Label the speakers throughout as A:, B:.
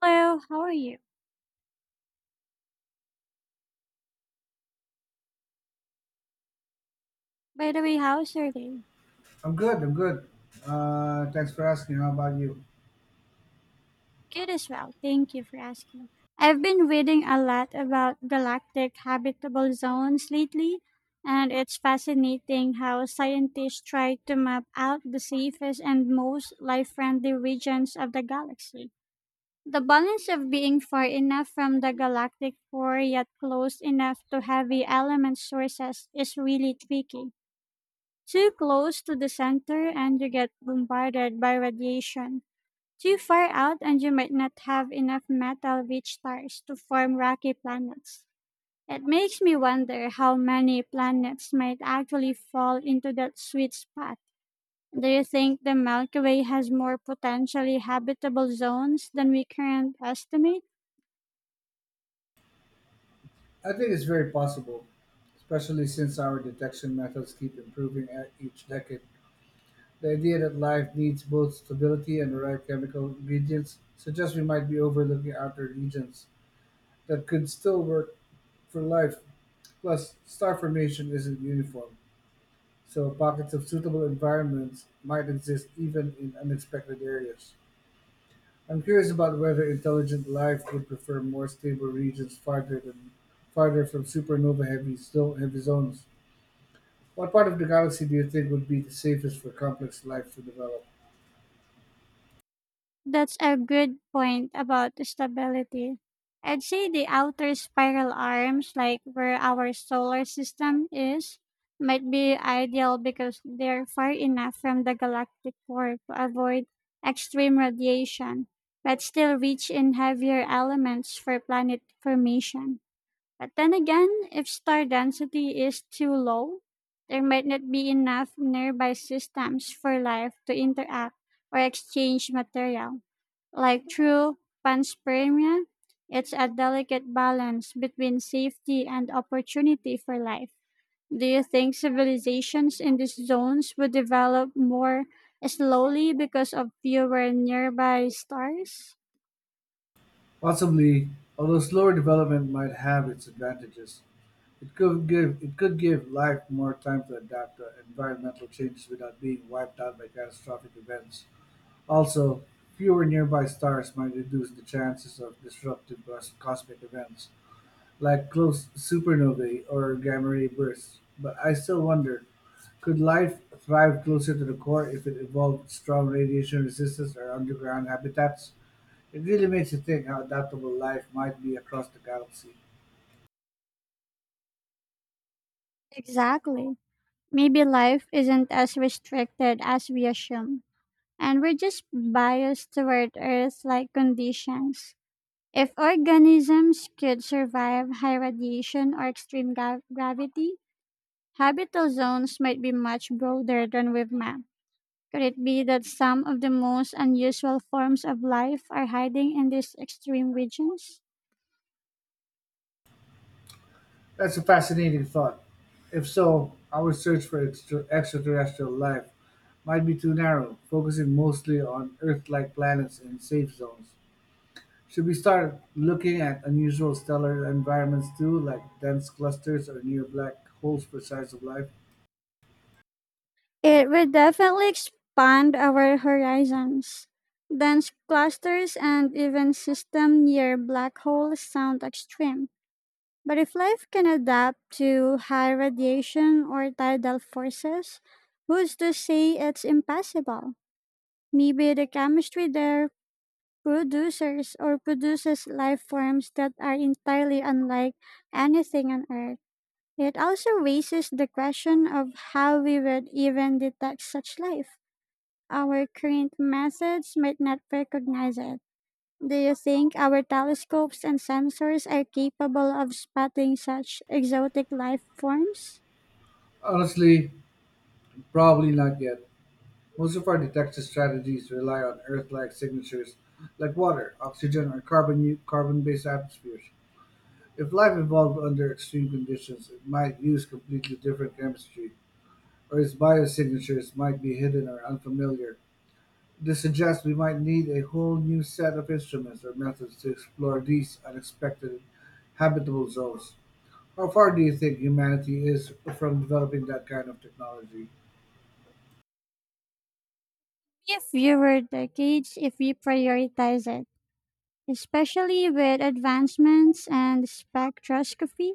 A: Hello, how are you? By the way, how's your day?
B: I'm good. I'm good. Thanks for asking. How about you?
A: Good as well, thank you for asking. I've been reading a lot about galactic habitable zones lately, and it's fascinating how scientists try to map out the safest and most life friendly regions of the galaxy. The balance of being far enough from the galactic core yet close enough to heavy element sources is really tricky. Too close to the center, and you get bombarded by radiation. Too far out and you might not have enough metal-rich stars to form rocky planets. It makes me wonder how many planets might actually fall into that sweet spot. Do you think the Milky Way has more potentially habitable zones than we currently estimate?
B: I think it's very possible, especially since our detection methods keep improving at each decade. The idea that life needs both stability and the right chemical ingredients suggests we might be overlooking outer regions that could still work for life. Plus, star formation isn't uniform, so pockets of suitable environments might exist even in unexpected areas. I'm curious about whether intelligent life would prefer more stable regions farther from supernova heavy zones. What part of the galaxy do you think would be the safest for complex life to develop?
A: That's a good point about stability. I'd say the outer spiral arms, like where our solar system is, might be ideal because they're far enough from the galactic core to avoid extreme radiation, but still rich in heavier elements for planet formation. But then again, if star density is too low, there might not be enough nearby systems for life to interact or exchange material. Like true panspermia, it's a delicate balance between safety and opportunity for life. Do you think civilizations in these zones would develop more slowly because of fewer nearby stars?
B: Possibly, although slower development might have its advantages, it could give life more time to adapt to environmental changes without being wiped out by catastrophic events. Also, fewer nearby stars might reduce the chances of disruptive cosmic events, like close supernovae or gamma ray bursts, but I still wonder, could life thrive closer to the core if it evolved strong radiation resistance or underground habitats? It really makes you think how adaptable life might be across the galaxy.
A: Exactly. Maybe life isn't as restricted as we assume, and we're just biased toward Earth like conditions. If organisms could survive high radiation or extreme gravity, habitat zones might be much broader than we've mapped. Could it be that some of the most unusual forms of life are hiding in these extreme regions?
B: That's a fascinating thought. If so, our search for extraterrestrial life might be too narrow, focusing mostly on Earth like planets and safe zones. Should we start looking at unusual stellar environments too, like dense clusters or near black holes for signs of life?
A: It would definitely expand our horizons. Dense clusters and even systems near black holes sound extreme. But if life can adapt to high radiation or tidal forces, who's to say it's impossible? Maybe the chemistry there producers or produces life forms that are entirely unlike anything on Earth. It also raises the question of how we would even detect such life. Our current methods might not recognize it. Do you think our telescopes and sensors are capable of spotting such exotic life forms?
B: Honestly, probably not yet. Most of our detection strategies rely on Earth-like signatures, like water, oxygen, or carbon-based atmospheres. If life evolved under extreme conditions, it might use completely different chemistry, or its biosignatures might be hidden or unfamiliar. This suggests we might need a whole new set of instruments or methods to explore these unexpected habitable zones. How far do you think humanity is from developing that kind of technology?
A: If fewer decades if we prioritize it, especially with advancements and spectroscopy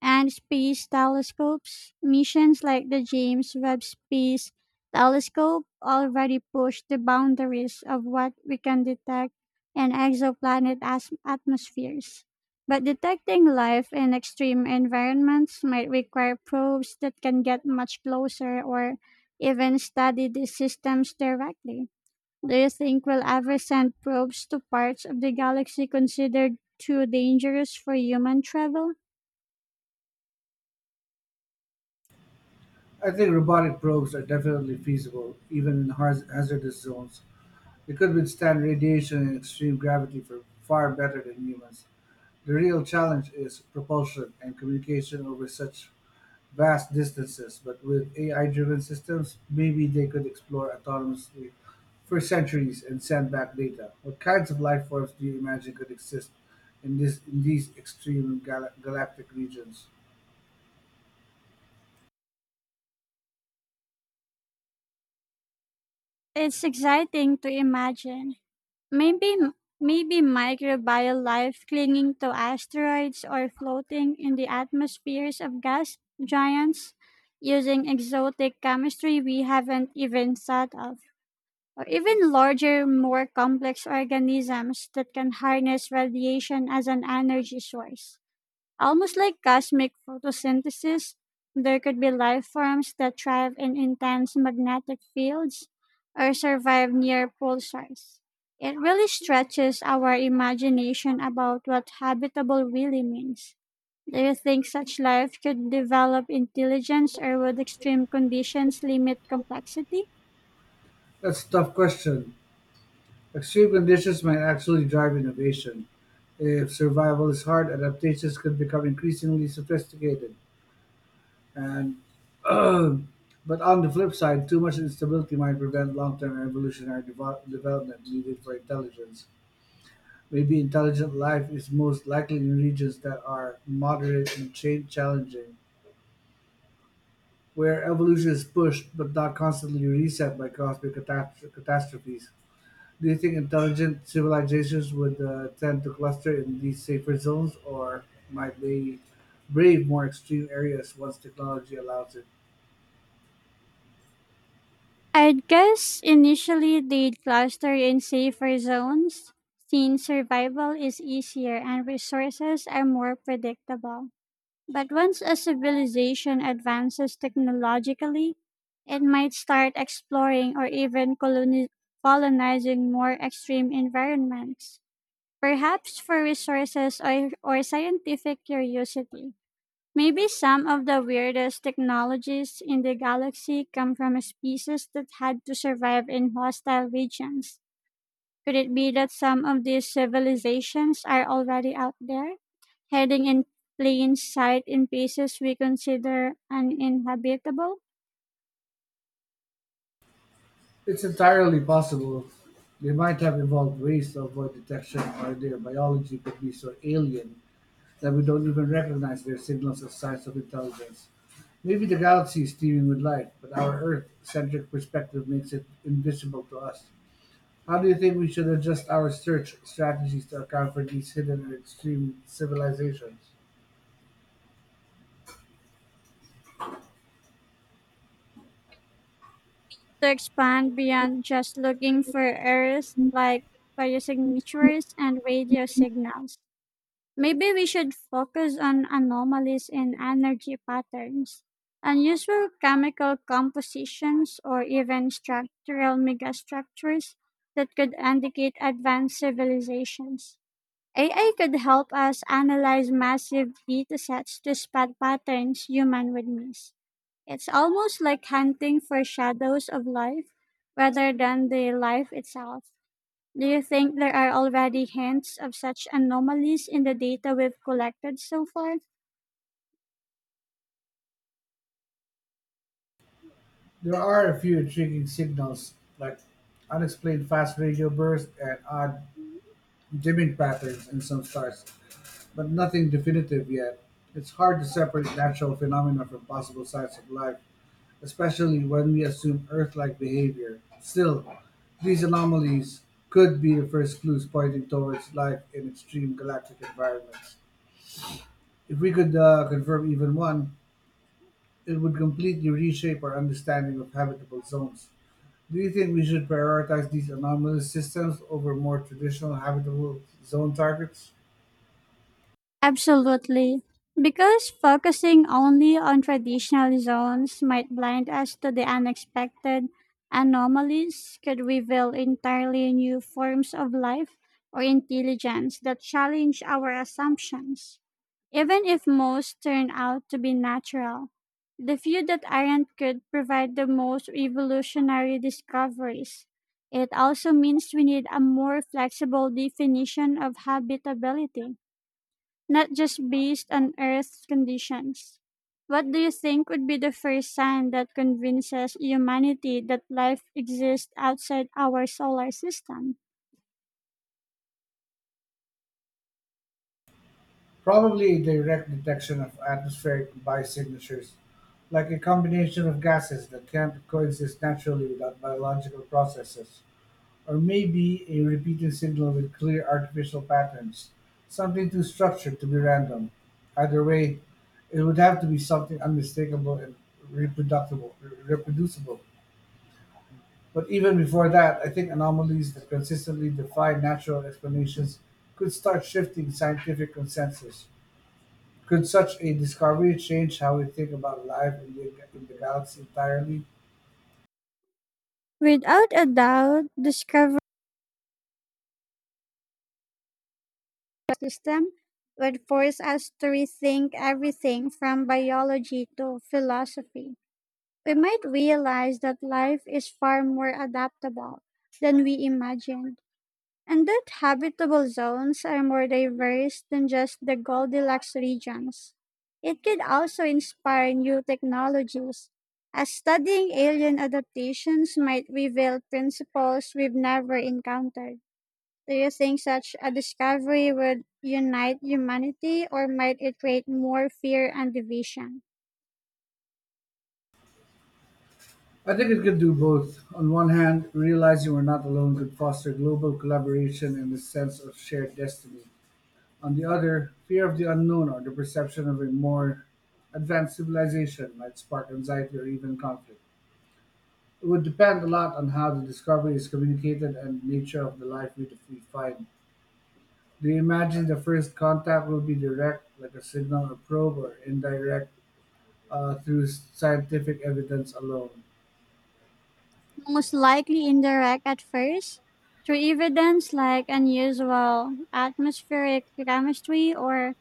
A: and space telescopes. Missions like the James Webb Space Telescope already push the boundaries of what we can detect in exoplanet atmospheres. But detecting life in extreme environments might require probes that can get much closer or even study these systems directly. Do you think we'll ever send probes to parts of the galaxy considered too dangerous for human travel?
B: I think robotic probes are definitely feasible, even in hazardous zones. They could withstand radiation and extreme gravity for far better than humans. The real challenge is propulsion and communication over such vast distances, but with AI-driven systems, maybe they could explore autonomously for centuries and send back data. What kinds of life forms do you imagine could exist in this in these extreme galactic regions?
A: It's exciting to imagine. Maybe maybe microbial life clinging to asteroids or floating in the atmospheres of gas giants using exotic chemistry we haven't even thought of. Or even larger, more complex organisms that can harness radiation as an energy source. Almost like cosmic photosynthesis, there could be life forms that thrive in intense magnetic fields or survive near pulsars. It really stretches our imagination about what habitable really means. Do you think such life could develop intelligence or would extreme conditions limit complexity?
B: That's a tough question. Extreme conditions might actually drive innovation. If survival is hard, adaptations could become increasingly sophisticated. And but on the flip side, too much instability might prevent long-term evolutionary development needed for intelligence. Maybe intelligent life is most likely in regions that are moderate and change challenging, where evolution is pushed but not constantly reset by cosmic catastrophes. Do you think intelligent civilizations would tend to cluster in these safer zones, or might they brave more extreme areas once technology allows it?
A: I would guess initially they'd cluster in safer zones since survival is easier and resources are more predictable. But once a civilization advances technologically, it might start exploring or even colonizing more extreme environments, perhaps for resources or scientific curiosity. Maybe some of the weirdest technologies in the galaxy come from species that had to survive in hostile regions. Could it be that some of these civilizations are already out there, hiding in plain sight in places we consider uninhabitable?
B: It's entirely possible they might have evolved ways to avoid detection, or their biology could be so alien that we don't even recognize their signals as signs of intelligence. Maybe the galaxy is teeming with life, but our Earth-centric perspective makes it invisible to us. How do you think we should adjust our search strategies to account for these hidden and extreme civilizations?
A: To expand beyond just looking for Earth, like biosignatures and radio signals. Maybe we should focus on anomalies in energy patterns, unusual chemical compositions, or even structural megastructures that could indicate advanced civilizations. AI could help us analyze massive datasets to spot patterns human would miss. It's almost like hunting for shadows of life rather than the life itself. Do you think there are already hints of such anomalies in the data we've collected so far?
B: There are a few intriguing signals, like unexplained fast radio bursts and odd dimming patterns in some stars, but nothing definitive yet. It's hard to separate natural phenomena from possible signs of life, especially when we assume Earth like behavior. Still, these anomalies could be the first clues pointing towards life in extreme galactic environments. If we could confirm even one, it would completely reshape our understanding of habitable zones. Do you think we should prioritize these anomalous systems over more traditional habitable zone targets?
A: Absolutely. Because focusing only on traditional zones might blind us to the unexpected anomalies could reveal entirely new forms of life or intelligence that challenge our assumptions. Even if most turn out to be natural, the few that aren't could provide the most revolutionary discoveries. It also means we need a more flexible definition of habitability not just based on Earth's conditions. What do you think would be the first sign that convinces humanity that life exists outside our solar system?
B: Probably a direct detection of atmospheric biosignatures, like a combination of gases that can't coexist naturally without biological processes, or maybe a repeating signal with clear artificial patterns, something too structured to be random. Either way, it would have to be something unmistakable and reproducible. reproducible. But even before that, I think anomalies that consistently defy natural explanations could start shifting scientific consensus. Could such a discovery change how we think about life in the galaxy entirely?
A: Without a doubt, discovering the system would force us to rethink everything from biology to philosophy. We might realize that life is far more adaptable than we imagined. And that habitable zones are more diverse than just the Goldilocks regions. It could also inspire new technologies, as studying alien adaptations might reveal principles we've never encountered. Do you think such a discovery would unite humanity or might it create more fear and division?
B: I think it could do both. On one hand, realizing we're not alone could foster global collaboration and a sense of shared destiny. On the other, fear of the unknown or the perception of a more advanced civilization might spark anxiety or even conflict. It would depend a lot on how the discovery is communicated and the nature of the life we find. Do you imagine the first contact will be direct, like a signal or probe, or indirect? Through scientific evidence alone.
A: Most likely indirect at first, through evidence like unusual atmospheric chemistry or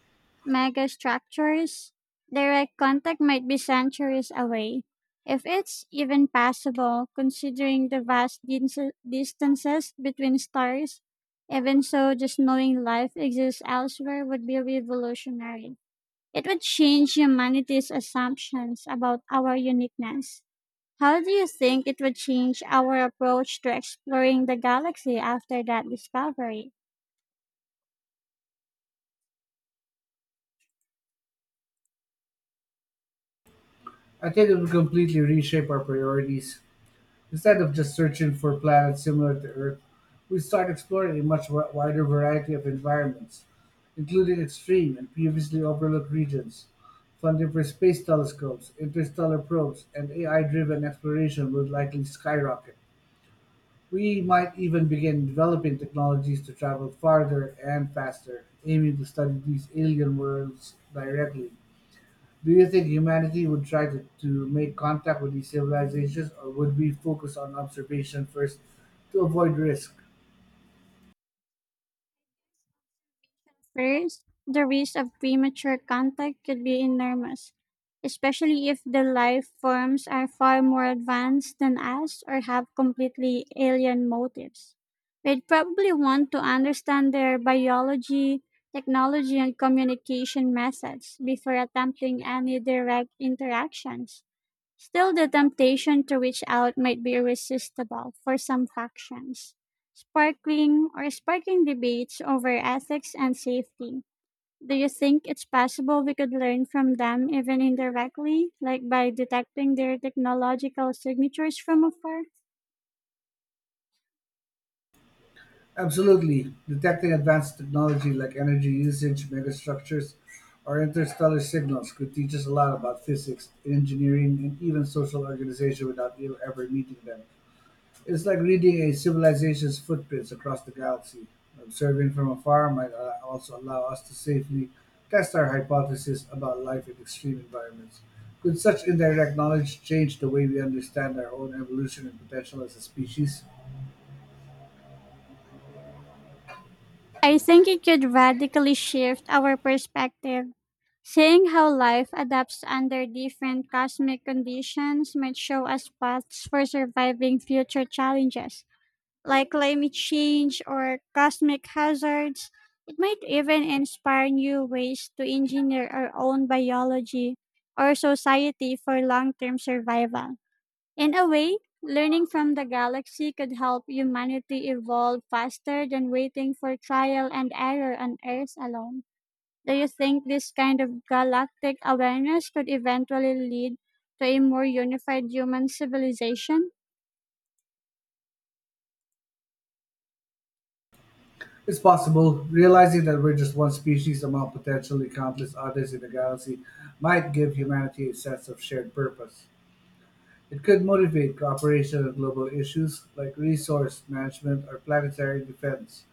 A: megastructures. Direct contact might be centuries away, if it's even possible, considering the vast distances between stars. Even so, just knowing life exists elsewhere would be revolutionary. It would change humanity's assumptions about our uniqueness. How do you think it would change our approach to exploring the galaxy after that discovery?
B: I think it would completely reshape our priorities. Instead of just searching for planets similar to Earth, we start exploring a much wider variety of environments, including extreme and previously overlooked regions. Funding for space telescopes, interstellar probes, and AI driven exploration would likely skyrocket. We might even begin developing technologies to travel farther and faster, aiming to study these alien worlds directly. Do you think humanity would try to make contact with these civilizations, or would we focus on observation first to avoid risk?
A: First, the risk of premature contact could be enormous, especially if the life forms are far more advanced than us or have completely alien motives. We'd probably want to understand their biology, technology, and communication methods before attempting any direct interactions. Still, the temptation to reach out might be irresistible for some factions, sparkling or sparking debates over ethics and safety. Do you think it's possible we could learn from them even indirectly, like by detecting their technological signatures from afar?
B: Absolutely. Detecting advanced technology like energy usage, megastructures, or interstellar signals could teach us a lot about physics, engineering, and even social organization without ever meeting them. It's like reading a civilization's footprints across the galaxy. Observing from afar might also allow us to safely test our hypotheses about life in extreme environments. Could such indirect knowledge change the way we understand our own evolution and potential as a species?
A: I think it could radically shift our perspective. Seeing how life adapts under different cosmic conditions might show us paths for surviving future challenges like climate change or cosmic hazards. It might even inspire new ways to engineer our own biology or society for long term survival. In a way, learning from the galaxy could help humanity evolve faster than waiting for trial and error on Earth alone. Do you think this kind of galactic awareness could eventually lead to a more unified human civilization?
B: It's possible. Realizing that we're just one species among potentially countless others in the galaxy might give humanity a sense of shared purpose. It could motivate cooperation on global issues like resource management or planetary defense,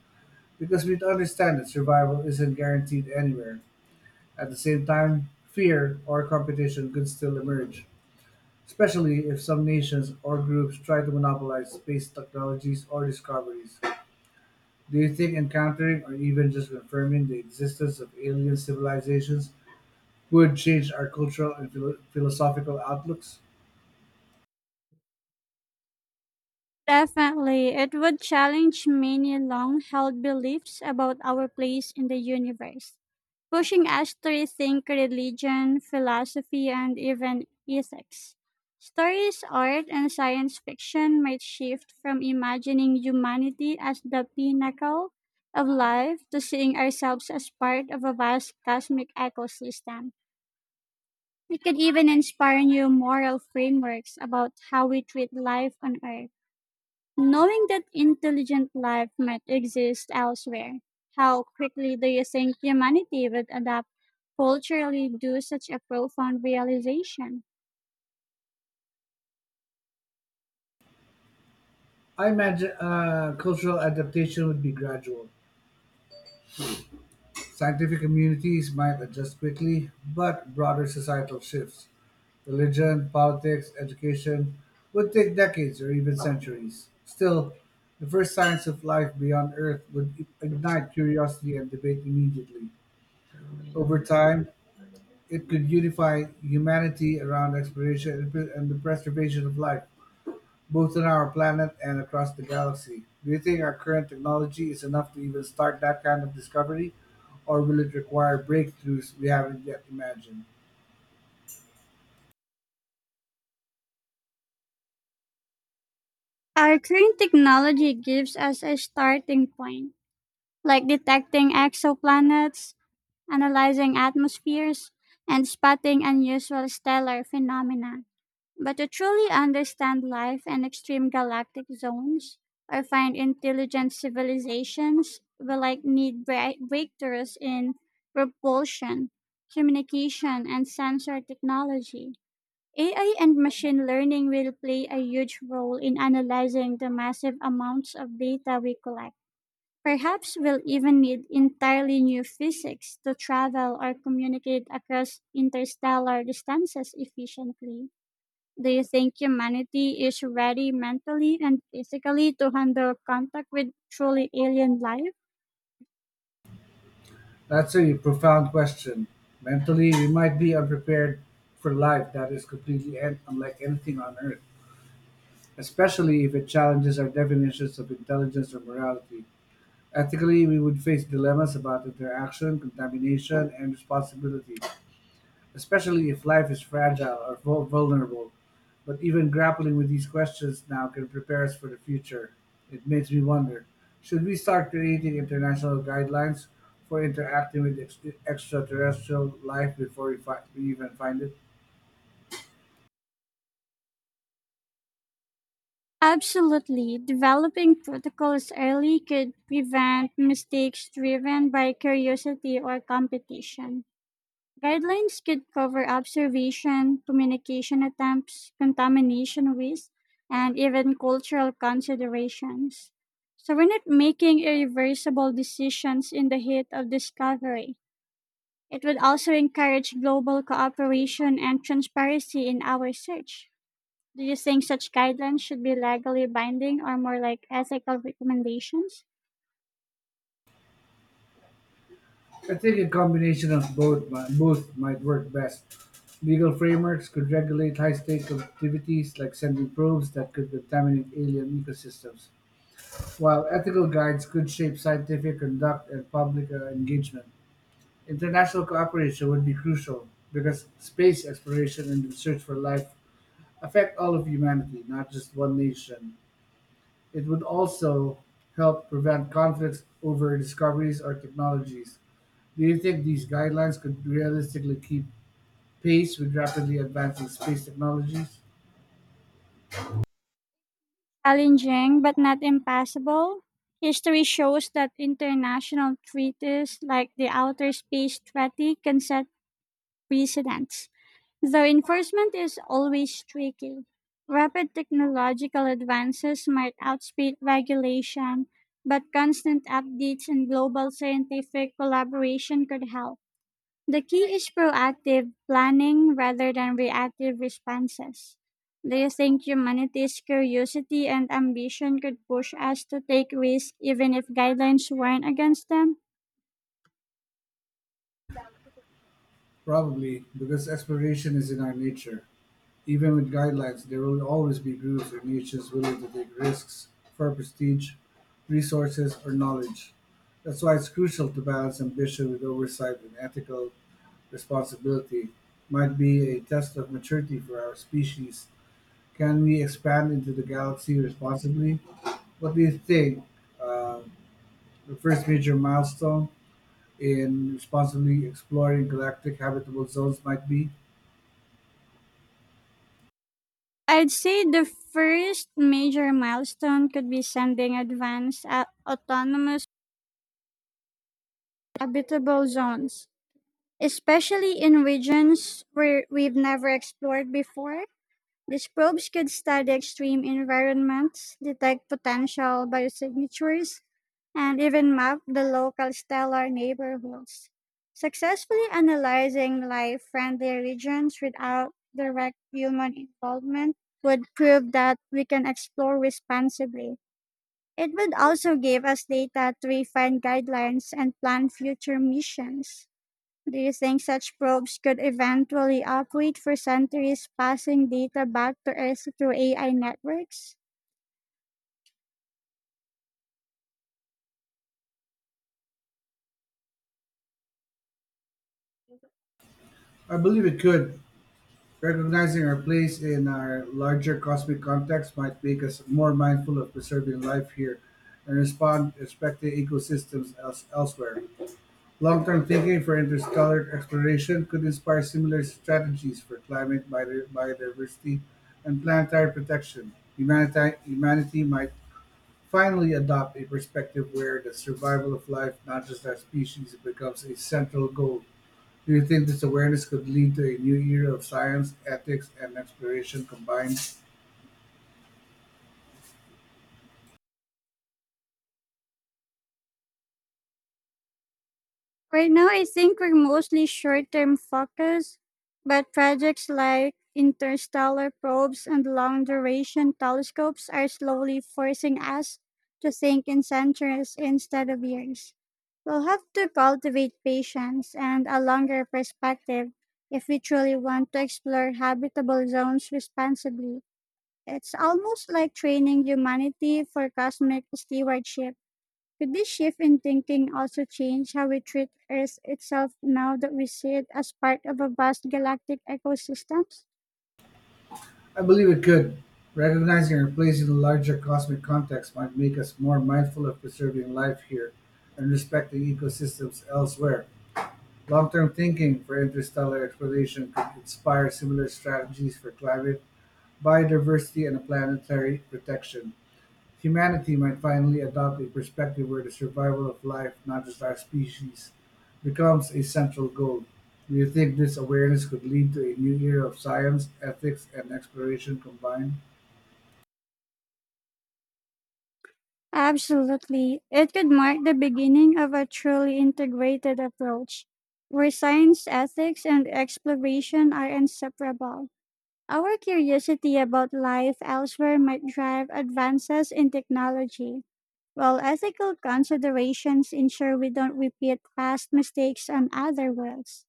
B: because we would understand that survival isn't guaranteed anywhere. At the same time, fear or competition could still emerge, especially if some nations or groups try to monopolize space technologies or discoveries. Do you think encountering or even just confirming the existence of alien civilizations would change our cultural and philosophical outlooks?
A: Definitely, it would challenge many long held beliefs about our place in the universe, pushing us to rethink religion, philosophy, and even ethics. Stories, art, and science fiction might shift from imagining humanity as the pinnacle of life to seeing ourselves as part of a vast cosmic ecosystem. It could even inspire new moral frameworks about how we treat life on Earth. Knowing that intelligent life might exist elsewhere, how quickly do you think humanity would adapt culturally due such a profound realization?
B: I imagine cultural adaptation would be gradual. Scientific communities might adjust quickly, but broader societal shifts, religion, politics, education, would take decades or even centuries. Still, the first signs of life beyond Earth would ignite curiosity and debate immediately. Over time, it could unify humanity around exploration and the preservation of life, both on our planet and across the galaxy. Do you think our current technology is enough to even start that kind of discovery, or will it require breakthroughs we haven't yet imagined?
A: Our current technology gives us a starting point, like detecting exoplanets, analyzing atmospheres, and spotting unusual stellar phenomena. But to truly understand life in extreme galactic zones or find intelligent civilizations, we like need breakthroughs in propulsion, communication, and sensor technology. AI and machine learning will play a huge role in analyzing the massive amounts of data we collect. Perhaps we'll even need entirely new physics to travel or communicate across interstellar distances efficiently. Do you think humanity is ready mentally and physically to handle contact with truly alien life?
B: That's a profound question. Mentally, we might be unprepared for life that is completely unlike anything on Earth, especially if it challenges our definitions of intelligence or morality. Ethically, we would face dilemmas about interaction, contamination, and responsibility, especially if life is fragile or vulnerable. But even grappling with these questions now can prepare us for the future. It makes me wonder, should we start creating international guidelines for interacting with extraterrestrial life before we even find it?
A: Absolutely. Developing protocols early could prevent mistakes driven by curiosity or competition. Guidelines could cover observation, communication attempts, contamination risk, and even cultural considerations, so we're not making irreversible decisions in the heat of discovery. It would also encourage global cooperation and transparency in our search. Do you think such guidelines should be legally binding or more like ethical recommendations?
B: I think a combination of both might work best. Legal frameworks could regulate high stakes activities like sending probes that could contaminate alien ecosystems, while ethical guides could shape scientific conduct and public engagement. International cooperation would be crucial because space exploration and the search for life affect all of humanity, not just one nation. It would also help prevent conflicts over discoveries or technologies. Do you think these guidelines could realistically keep pace with rapidly advancing space technologies?
A: Challenging but not impossible, history shows that international treaties like the Outer Space Treaty can set precedents, though enforcement is always tricky. Rapid technological advances might outspeed regulation, but constant updates and global scientific collaboration could help. The key is proactive planning rather than reactive responses. Do you think humanity's curiosity and ambition could push us to take risks even if guidelines warn against them?
B: Probably, because exploration is in our nature. Even with guidelines, there will always be groups or niches willing to take risks for prestige, resources, or knowledge. That's why it's crucial to balance ambition with oversight and ethical responsibility. Might be a test of maturity for our species. Can we expand into the galaxy responsibly? What do you think? Uh, the first major milestone in responsibly exploring galactic habitable zones might be?
A: I'd say the first major milestone could be sending advanced autonomous habitable zones, especially in regions where we've never explored before. These probes could study extreme environments, detect potential biosignatures, and even map the local stellar neighborhoods, successfully analyzing life-friendly regions without direct human involvement would prove that we can explore responsibly. It would also give us data to refine guidelines and plan future missions. Do you think such probes could eventually operate for centuries, passing data back to Earth through AI networks?
B: I believe it could. Recognizing our place in our larger cosmic context might make us more mindful of preserving life here and respond respecting ecosystems elsewhere. Long term thinking for interstellar exploration could inspire similar strategies for climate, biodiversity, and planetary protection. Humanity might finally adopt a perspective where the survival of life, not just our species, becomes a central goal. Do you think this awareness could lead to a new era of science, ethics, and exploration combined?
A: Right now, I think we're mostly short term focused, but projects like interstellar probes and long duration telescopes are slowly forcing us to think in centuries instead of years. We'll have to cultivate patience and a longer perspective if we truly want to explore habitable zones responsibly. It's almost like training humanity for cosmic stewardship. Could this shift in thinking also change how we treat Earth itself now that we see it as part of a vast galactic ecosystem?
B: I believe it could. Recognizing our place in the larger cosmic context might make us more mindful of preserving life here and respecting ecosystems elsewhere. Long term thinking for interstellar exploration could inspire similar strategies for climate, biodiversity, and planetary protection. Humanity might finally adopt a perspective where the survival of life, not just our species, becomes a central goal. Do you think this awareness could lead to a new era of science, ethics, and exploration combined?
A: Absolutely. It could mark the beginning of a truly integrated approach where science, ethics, and exploration are inseparable. Our curiosity about life elsewhere might drive advances in technology, while ethical considerations ensure we don't repeat past mistakes on other worlds.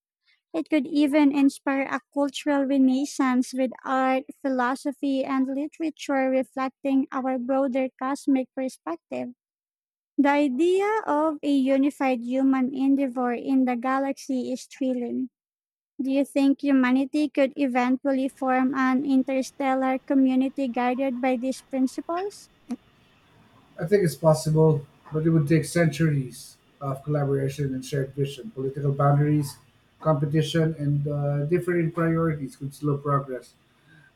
A: It could even inspire a cultural renaissance with art, philosophy, and literature reflecting our broader cosmic perspective. The idea of a unified human endeavor in the galaxy is thrilling. Do you think humanity could eventually form an interstellar community guided by these principles?
B: I think it's possible, but it would take centuries of collaboration and shared vision. Political boundaries, competition, and differing priorities could slow progress.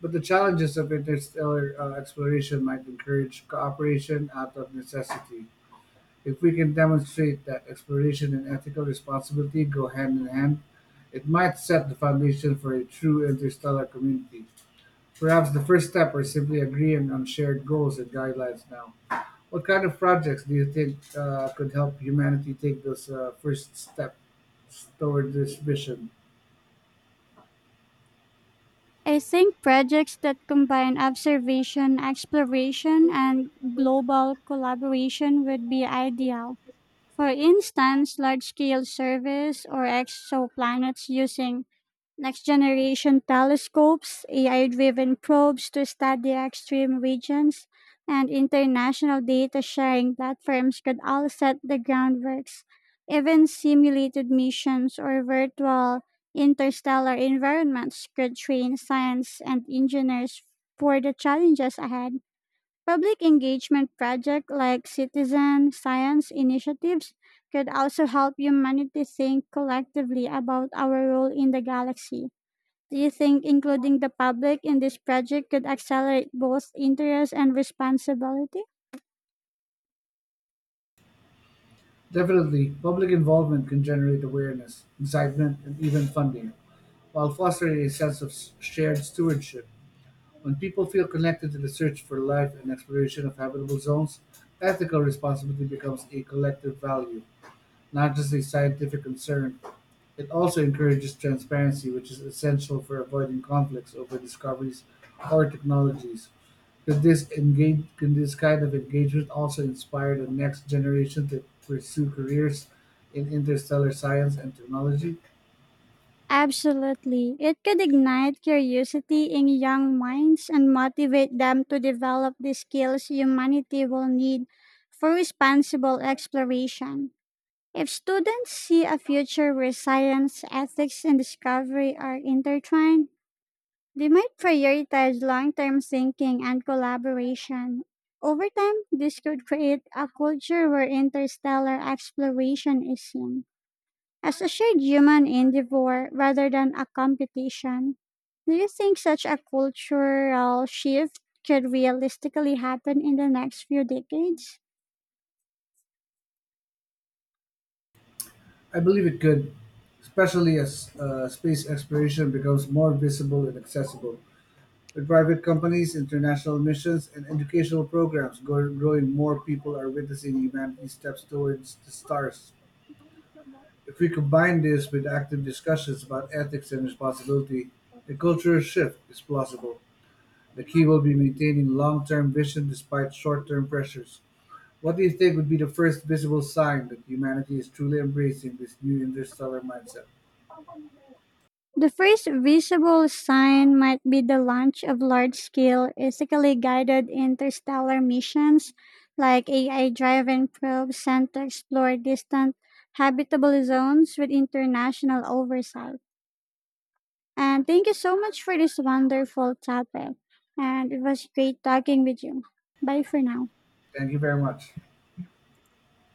B: But the challenges of interstellar exploration might encourage cooperation out of necessity. If we can demonstrate that exploration and ethical responsibility go hand in hand, it might set the foundation for a true interstellar community. Perhaps the first step is simply agreeing on shared goals and guidelines now. What kind of projects do you think could help humanity take those first steps toward this vision?
A: I think projects that combine observation, exploration, and global collaboration would be ideal. For instance, large scale surveys or exoplanets using next generation telescopes, AI driven probes to study extreme regions, and international data sharing platforms could all set the groundworks. Even simulated missions or virtual interstellar environments could train science and engineers for the challenges ahead. Public engagement projects like citizen science initiatives could also help humanity think collectively about our role in the galaxy. Do you think including the public in this project could accelerate both interest and responsibility?
B: Definitely, public involvement can generate awareness, excitement, and even funding, while fostering a sense of shared stewardship. When people feel connected to the search for life and exploration of habitable zones, ethical responsibility becomes a collective value, not just a scientific concern. It also encourages transparency, which is essential for avoiding conflicts over discoveries or technologies. Could this kind of engagement also inspire the next generation to pursue careers in interstellar science and technology?
A: Absolutely. It could ignite curiosity in young minds and motivate them to develop the skills humanity will need for responsible exploration. If students see a future where science, ethics, and discovery are intertwined, they might prioritize long term thinking and collaboration. Over time, this could create a culture where interstellar exploration is seen as a shared human endeavor rather than a competition. Do you think such a cultural shift could realistically happen in the next few decades?
B: I believe it could, especially as space exploration becomes more visible and accessible. With private companies, international missions, and educational programs growing, more people are witnessing humanity's steps towards the stars. If we combine this with active discussions about ethics and responsibility, a cultural shift is plausible. The key will be maintaining long-term vision despite short-term pressures. What do you think would be the first visible sign that humanity is truly embracing this new interstellar mindset?
A: The first visible sign might be the launch of large scale, ethically guided interstellar missions like AI driven probes sent to explore distant habitable zones with international oversight. And thank you so much for this wonderful topic. And it was great talking with you. Bye for now.
B: Thank you very much.